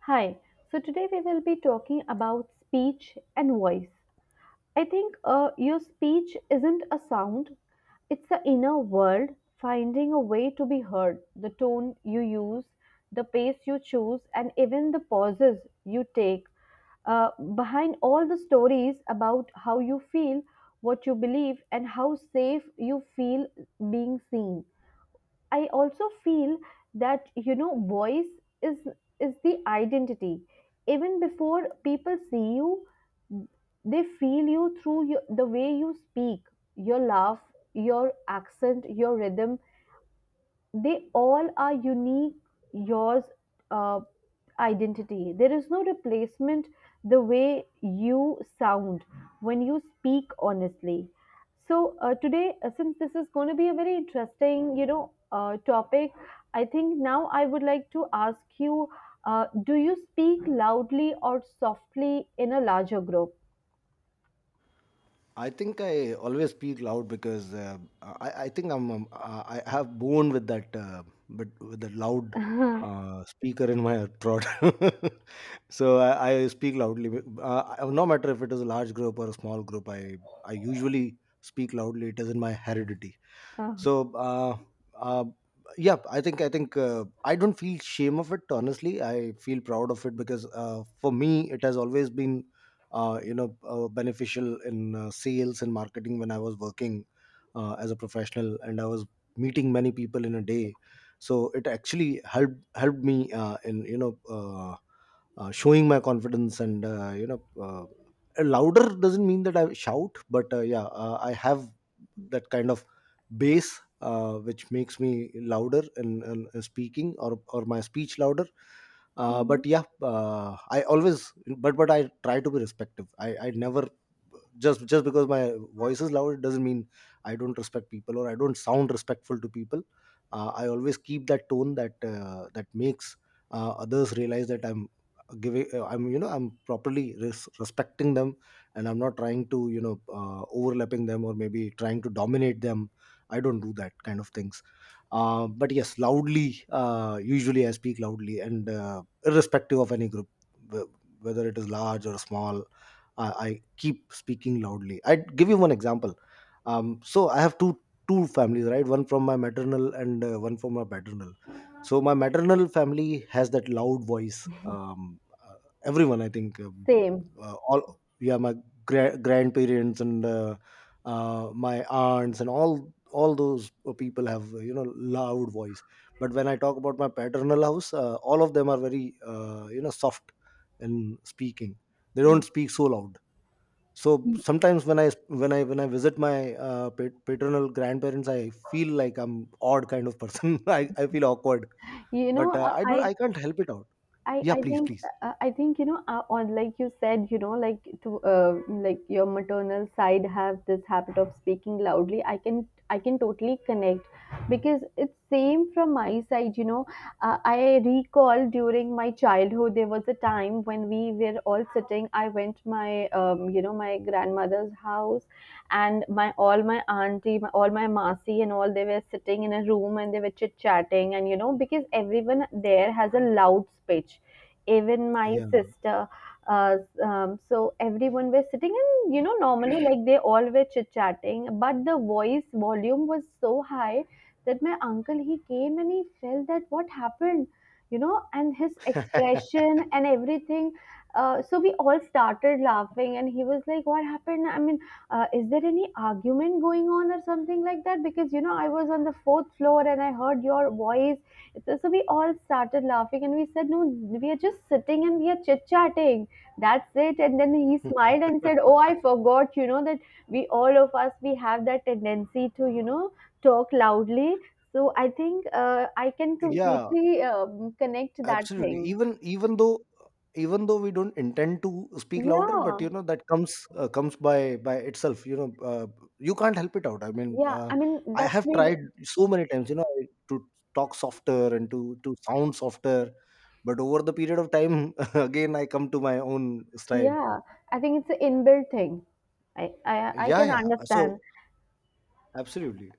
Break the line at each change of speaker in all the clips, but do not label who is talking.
Hi. So today we will be talking about speech and voice. I think your speech isn't a sound, it's the inner world finding a way to be heard. The tone you use, the pace you choose, and even the pauses you take. Uh, behind all the stories about how you feel, what you believe, and how safe you feel being seen. I also feel that voice is is the identity. Even before people see you, they feel you through your, the way you speak, your laugh, your accent, your rhythm, they all are unique yours, uh, identity, there is no replacement, the way you sound when you speak honestly. So today, since this is going to be a very interesting, topic, I think now I would like to ask you, do you speak loudly or softly in a larger group?
I think I always speak loud because I think I have born with that but with the loud speaker in my throat. So I speak loudly. No matter if it is a large group or a small group, I usually speak loudly. It is in my heredity.
Uh,
So uh, yeah, I don't feel shame of it. Honestly, I feel proud of it because for me it has always been beneficial in sales and marketing when I was working as a professional, and I was meeting many people in a day. So it actually helped me in showing my confidence, and louder doesn't mean that I shout, but yeah, I have that kind of bass, which makes me louder in speaking, or my speech louder.
mhm.
But yeah, I always, but I try to be respective. I never, just just because my voice is loud, it doesn't mean I don't respect people or I don't sound respectful to people. I always keep that tone that that makes others realize that I'm giving I'm, you know, I'm properly respecting them, and I'm not trying to, you know, overlapping them, or maybe trying to dominate them. I don't do that kind of things. But yes, loudly, usually I speak loudly, and irrespective of any group, wh- whether it is large or small, I keep speaking loudly. I give you one example. So I have two families, right? One from my maternal and one from my paternal. So my maternal family has that loud voice. um, uh, Everyone, I think,
Same.
all, yeah, my grandparents and my aunts, and all those people have you know, loud voice. But when I talk about my paternal house, all of them are very you know, soft in speaking. They
Mm.
don't speak so loud. So sometimes when I, when I visit my paternal grandparents, I feel like I'm odd kind of person. I feel awkward,
you know
but
uh,
I do,
i
I can't help it out.
I,
Yeah,
I
please
think
please
I think, on, like you said, like to, like your maternal side have this habit of speaking loudly, I can totally connect, because it's same from my side. I recall during my childhood there was a time when we were all sitting. I went my, my grandmother's house, and my all my auntie my, all my masi and all, they were sitting in a room and they were chit chatting, and you know because everyone there has a loud speech, even my
Yeah.
sister. uh, so everyone was sitting and you know normally like they all were chit chatting, but the voice volume was so high that my uncle, he came and he felt that what happened, you know, and his expression and everything. So we all started laughing and he was like, what happened, I mean, is there any argument going on or something like that? Because you know, I was on the fourth floor and I heard your voice. So, so we all started laughing and we said, No, we are just sitting and we are chit chatting. That's it. And then he smiled and said, Oh, I forgot, you know, that we all of us we have that tendency to, you know, talk loudly. So I think I can
Yeah,
completely connect to that
absolutely.
thing.
Even though we don't intend to speak louder,
Yeah,
but you know, that comes comes by itself. You know, you can't help it out. I mean,
yeah. I mean,
I
that's
have
maybe.
tried so many times. You know, I- to talk softer and to sound softer, but over the period of time, again I come to my own style.
Yeah, I think it's an inbuilt thing. I
Yeah,
can
yeah. So
understand.
absolutely.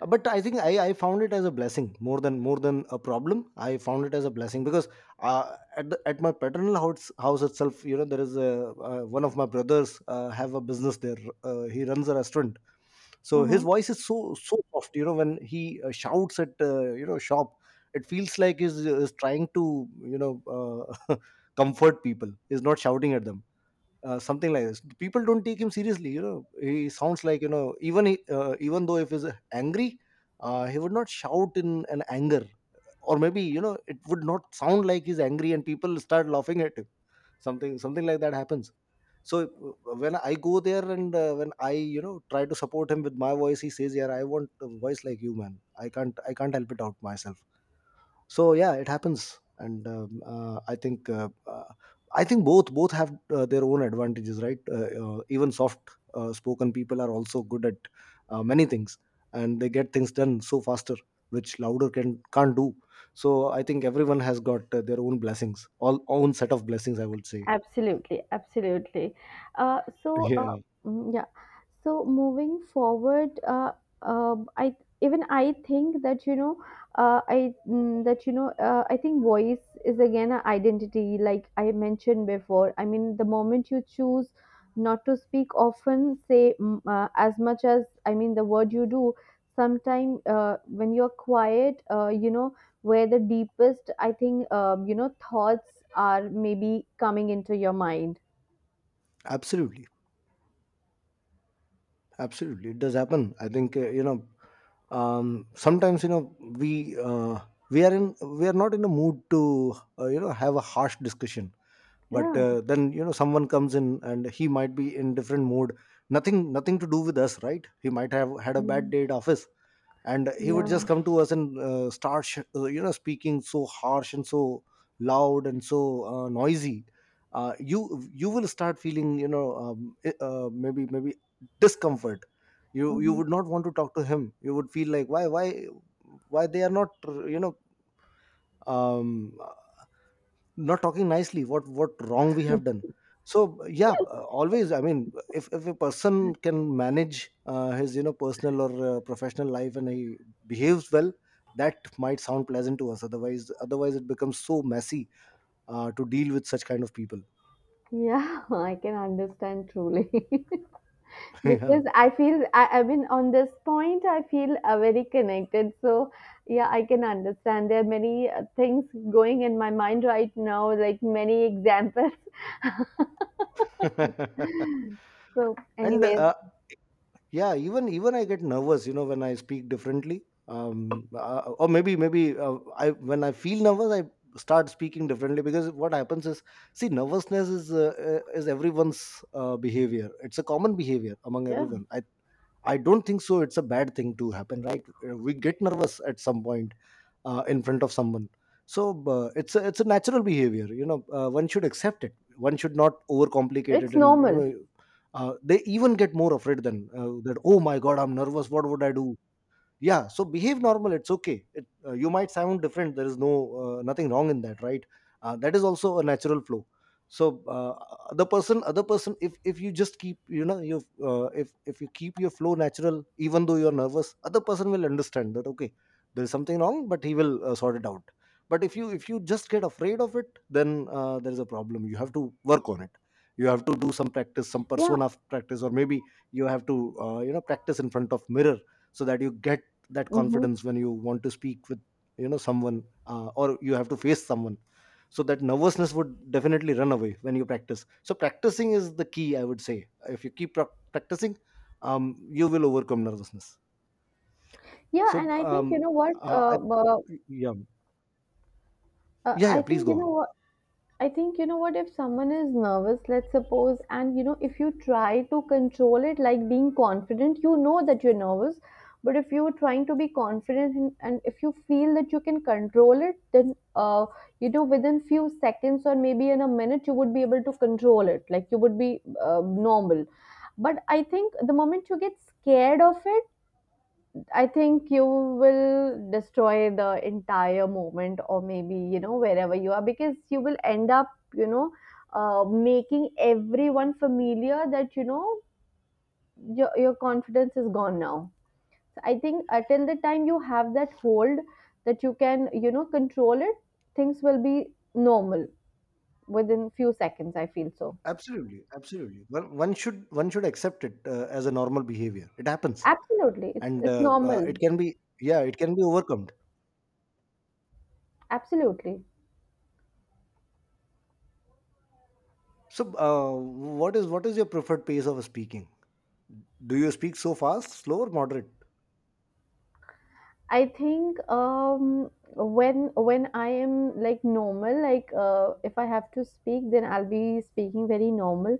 But I think I found it as a blessing, more than a problem. I found it as a blessing because at the, at my paternal house itself, you know, there is a, one of my brothers have a business there. He runs a restaurant. So his
Mhm.
voice is so soft, you know. When he shouts at you know, shop, it feels like he's, is trying to, you know, comfort people, he's not shouting at them, something like this. People don't take him seriously. You know, he sounds like, you know, even he, even though, if he's angry, he would not shout in an anger, or maybe, you know, it would not sound like he's angry, and people start laughing at him. Something like that happens. So when I go there and when I, you know, try to support him with my voice, he says, "Yeah, I want a voice like you, man. I can't help it out myself." So yeah, it happens. And I think both have their own advantages, right? Even soft spoken people are also good at many things, and they get things done so faster, which louder can't do. So I think everyone has got their own blessings, all own set of blessings, I would say.
Absolutely, absolutely. Uh, so, uh,
Yeah.
yeah. So moving forward, I even I think that, you know, I, that, you know, I think voice is again an identity, like I mentioned before. I mean, the moment you choose not to speak often, say, as much as I mean the word you do. Sometime, when you're quiet, you know, where the deepest, I think, you know, thoughts are maybe coming into your mind.
Absolutely. Absolutely, it does happen. I think you know, sometimes, you know, we are in, we are not in a mood to you know, have a harsh discussion, but
Yeah.
then, you know, someone comes in and he might be in different mood. Nothing to do with us, right? He might have had a bad
Mhm.
day at office, and he would
Yeah.
just come to us and start you know, speaking so harsh and so loud and so noisy. You will start feeling, you know, maybe maybe discomfort. You
Hmm.
would not want to talk to him. You would feel like, why why they are not, you know, um not talking nicely. What wrong we have done. So yeah, always, I mean, if a person can manage his, you know, personal or professional life, and he behaves well, that might sound pleasant to us. Otherwise it becomes so messy to deal with such kind of people.
Yeah, I can understand truly.
Yeah.
Because I feel, I mean on this point I feel very connected. So yeah, I can understand. There are many things going in my mind right now, like many examples. So
And
anyways,
yeah, even even I get nervous, you know, when I speak differently. Or maybe I, when I feel nervous, I start speaking differently, because what happens is, see, nervousness is everyone's behavior. It's a common behavior among
yeah,
everyone. I don't think so it's a bad thing to happen, right? We get nervous at some point in front of someone. So it's a natural behavior, you know. One should accept it. One should not overcomplicate it,
it's
and you
normal.
know, they even get more afraid than that, oh my god, I'm nervous, what would I do. Yeah, so behave normal. It's okay. It, you might sound different. There is no nothing wrong in that, right? That is also a natural flow. So other person, if you just keep, you know, you if you keep your flow natural, even though you're nervous, other person will understand that, okay, there is something wrong, but he will sort it out. But if you, if you just get afraid of it, then there is a problem. You have to work on it. You have to do some practice, some
Yeah.
persona practice, or maybe you have to you know, practice in front of mirror, so that you get that
Hmm.
confidence when you want to speak with, you know, someone, or you have to face someone. So that nervousness would definitely run away when you practice. So practicing is the key, I would say. If you keep practicing, um, you will overcome nervousness.
Yeah,
So
and I think you know what?
uh, I, yeah. yeah
I
yeah please
think you
go
know
on.
what. I think you know what, if someone is nervous, let's suppose, and you know, if you try to control it like being confident, you know that you're nervous. But if you're trying to be confident and if you feel that you can control it, then, you know, within few seconds or maybe in a minute you would be able to control it, like you would be normal. But I think the moment you get scared of it, I think you will destroy the entire moment, or maybe, you know, wherever you are, because you will end up, you know, making everyone familiar that, you know, your confidence is gone now. So I think until the time you have that hold that you can, you know, control it, things will be normal within few seconds. I feel so.
Absolutely, absolutely. One, one should, one should accept it as a normal behavior. It happens.
Absolutely.
And
It's normal.
it can be, yeah, it can be overcome.
Absolutely.
So what is, what is your preferred pace of speaking? Do you speak so fast, slow, or moderate?
I think, when I am like normal, like, if I have to speak, then I'll be speaking very normal.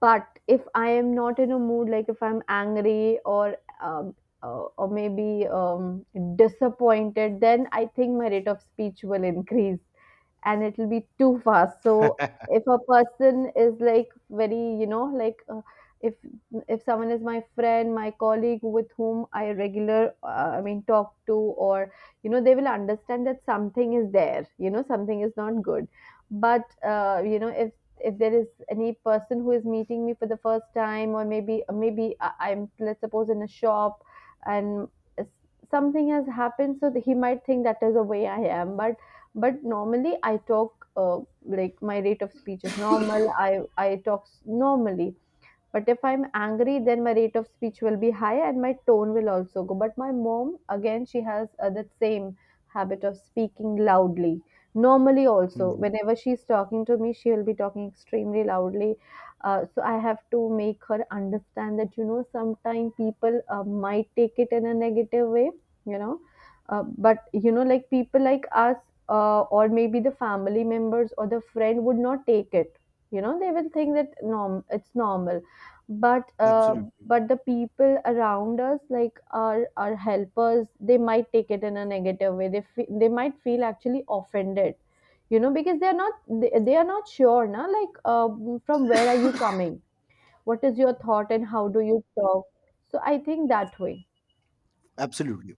But if I am not in a mood, like if I'm angry or, or maybe, disappointed, then I think my rate of speech will increase and it'll be too fast. So if a person is like very you know like, if if someone is my friend my colleague with whom I regular, I mean talk to, or you know they will understand that something is there, you know something is not good. But you know, if there is any person who is meeting me for the first time, or maybe, I'm, let's suppose, in a shop, and something has happened, so he might think that is the way I am. But normally I talk, like my rate of speech is normal. I talk s- normally. But if I'm angry, then my rate of speech will be high and my tone will also go. But my mom, again, she has that same habit of speaking loudly. Normally, also,
Mhm.
whenever she's talking to me, she will be talking extremely loudly. So I have to make her understand that, you know, sometimes people might take it in a negative way, you know. But, you know, like people like us, or maybe the family members or the friend would not take it, you know, they will think that norm it's normal. But
Absolutely,
but the people around us, like our helpers, they might take it in a negative way, they fe- they might feel actually offended, you know, because they are not they, they are not sure na, like, from where are you coming, what is your thought, and how do you talk. So I think that way.
absolutely.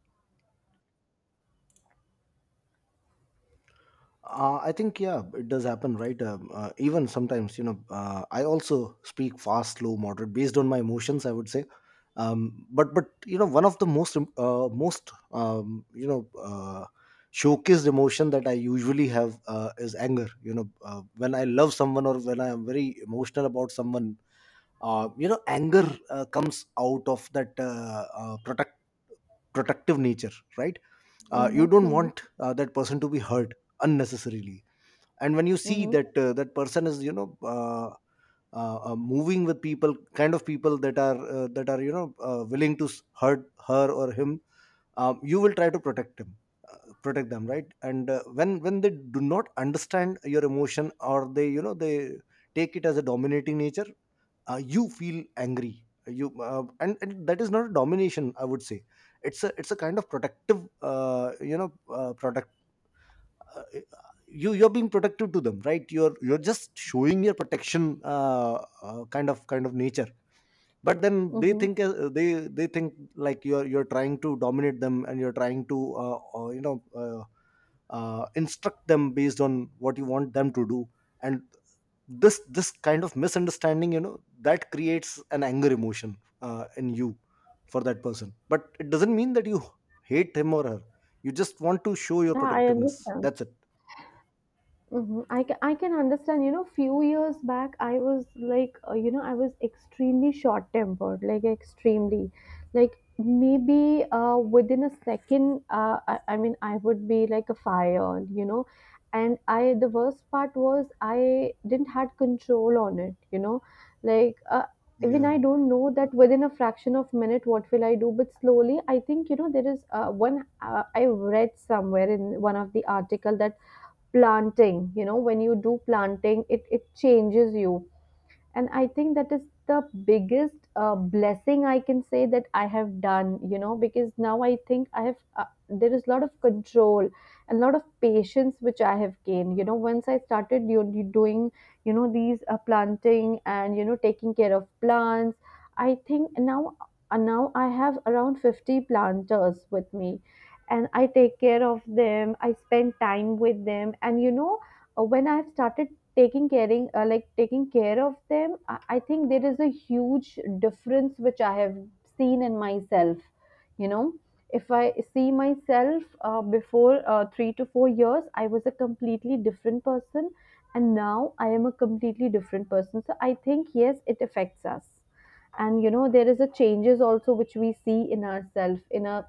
I think, yeah, it does happen, right? Even sometimes, you know, I also speak fast, slow, moderate, based on my emotions, I would say. But, you know, one of the most most you know, showcased emotion that I usually have is anger. You know, when I love someone, or when I am very emotional about someone, you know, anger comes out of that protective nature, right?
Mm-hmm,
You don't
mm-hmm,
want that person to be hurt unnecessarily. And when you see
mm-hmm.
that that person is, you know, moving with people, kind of people, that are that are, you know, willing to hurt her or him, you will try to protect him, uh, protect them, right? And when they do not understand your emotion, or they, you know, they take it as a dominating nature, you feel angry. You And that is not a domination, I would say. It's a, it's a kind of protective, you know, product. uh, you're being protective to them, right? You're just showing your protection, uh, kind of nature. But then they
Mm-hmm.
think they they think, like, you're trying to dominate them, and you're trying to you know, uh, instruct them based on what you want them to do. And this kind of misunderstanding, you know, that creates an anger emotion in you for that person. But it doesn't mean that you hate him or her. You just want to show your
Yeah, I
protectiveness,
understand.
that's it.
Hmm. I can understand. You know, few years back, I was like, you know, I was extremely short tempered, like extremely, like maybe, within a second, I mean, I would be like a fire, you know, and I the worst part was I didn't had control on it, you know, like, even
Yeah.
I don't know that within a fraction of minute what will I do, but slowly I think you know there is, one I read somewhere in one of the article that planting, you know, when you do planting it it changes you. And I think that is the biggest blessing I can say that I have done, you know, because now I think I have, there is a lot of control and a lot of patience which I have gained, you know, once I started you, you doing, you know, these planting and you know taking care of plants. I think now, now I have around 50 planters with me, and I take care of them, I spend time with them, and you know, when I have started taking caring, like taking care of them, I think there is a huge difference which I have seen in myself, you know. If I see myself before, 3 to 4 years, I was a completely different person, and now I am a completely different person. So I think yes, it affects us, and you know there is a changes also which we see in ourselves in a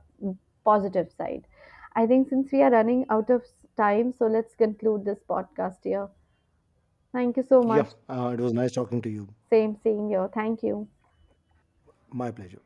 positive side. I think since we are running out of time, so let's conclude this podcast here. Thank you so
Yeah,
much.
it was nice talking to you.
Same, same here. Thank you.
My pleasure.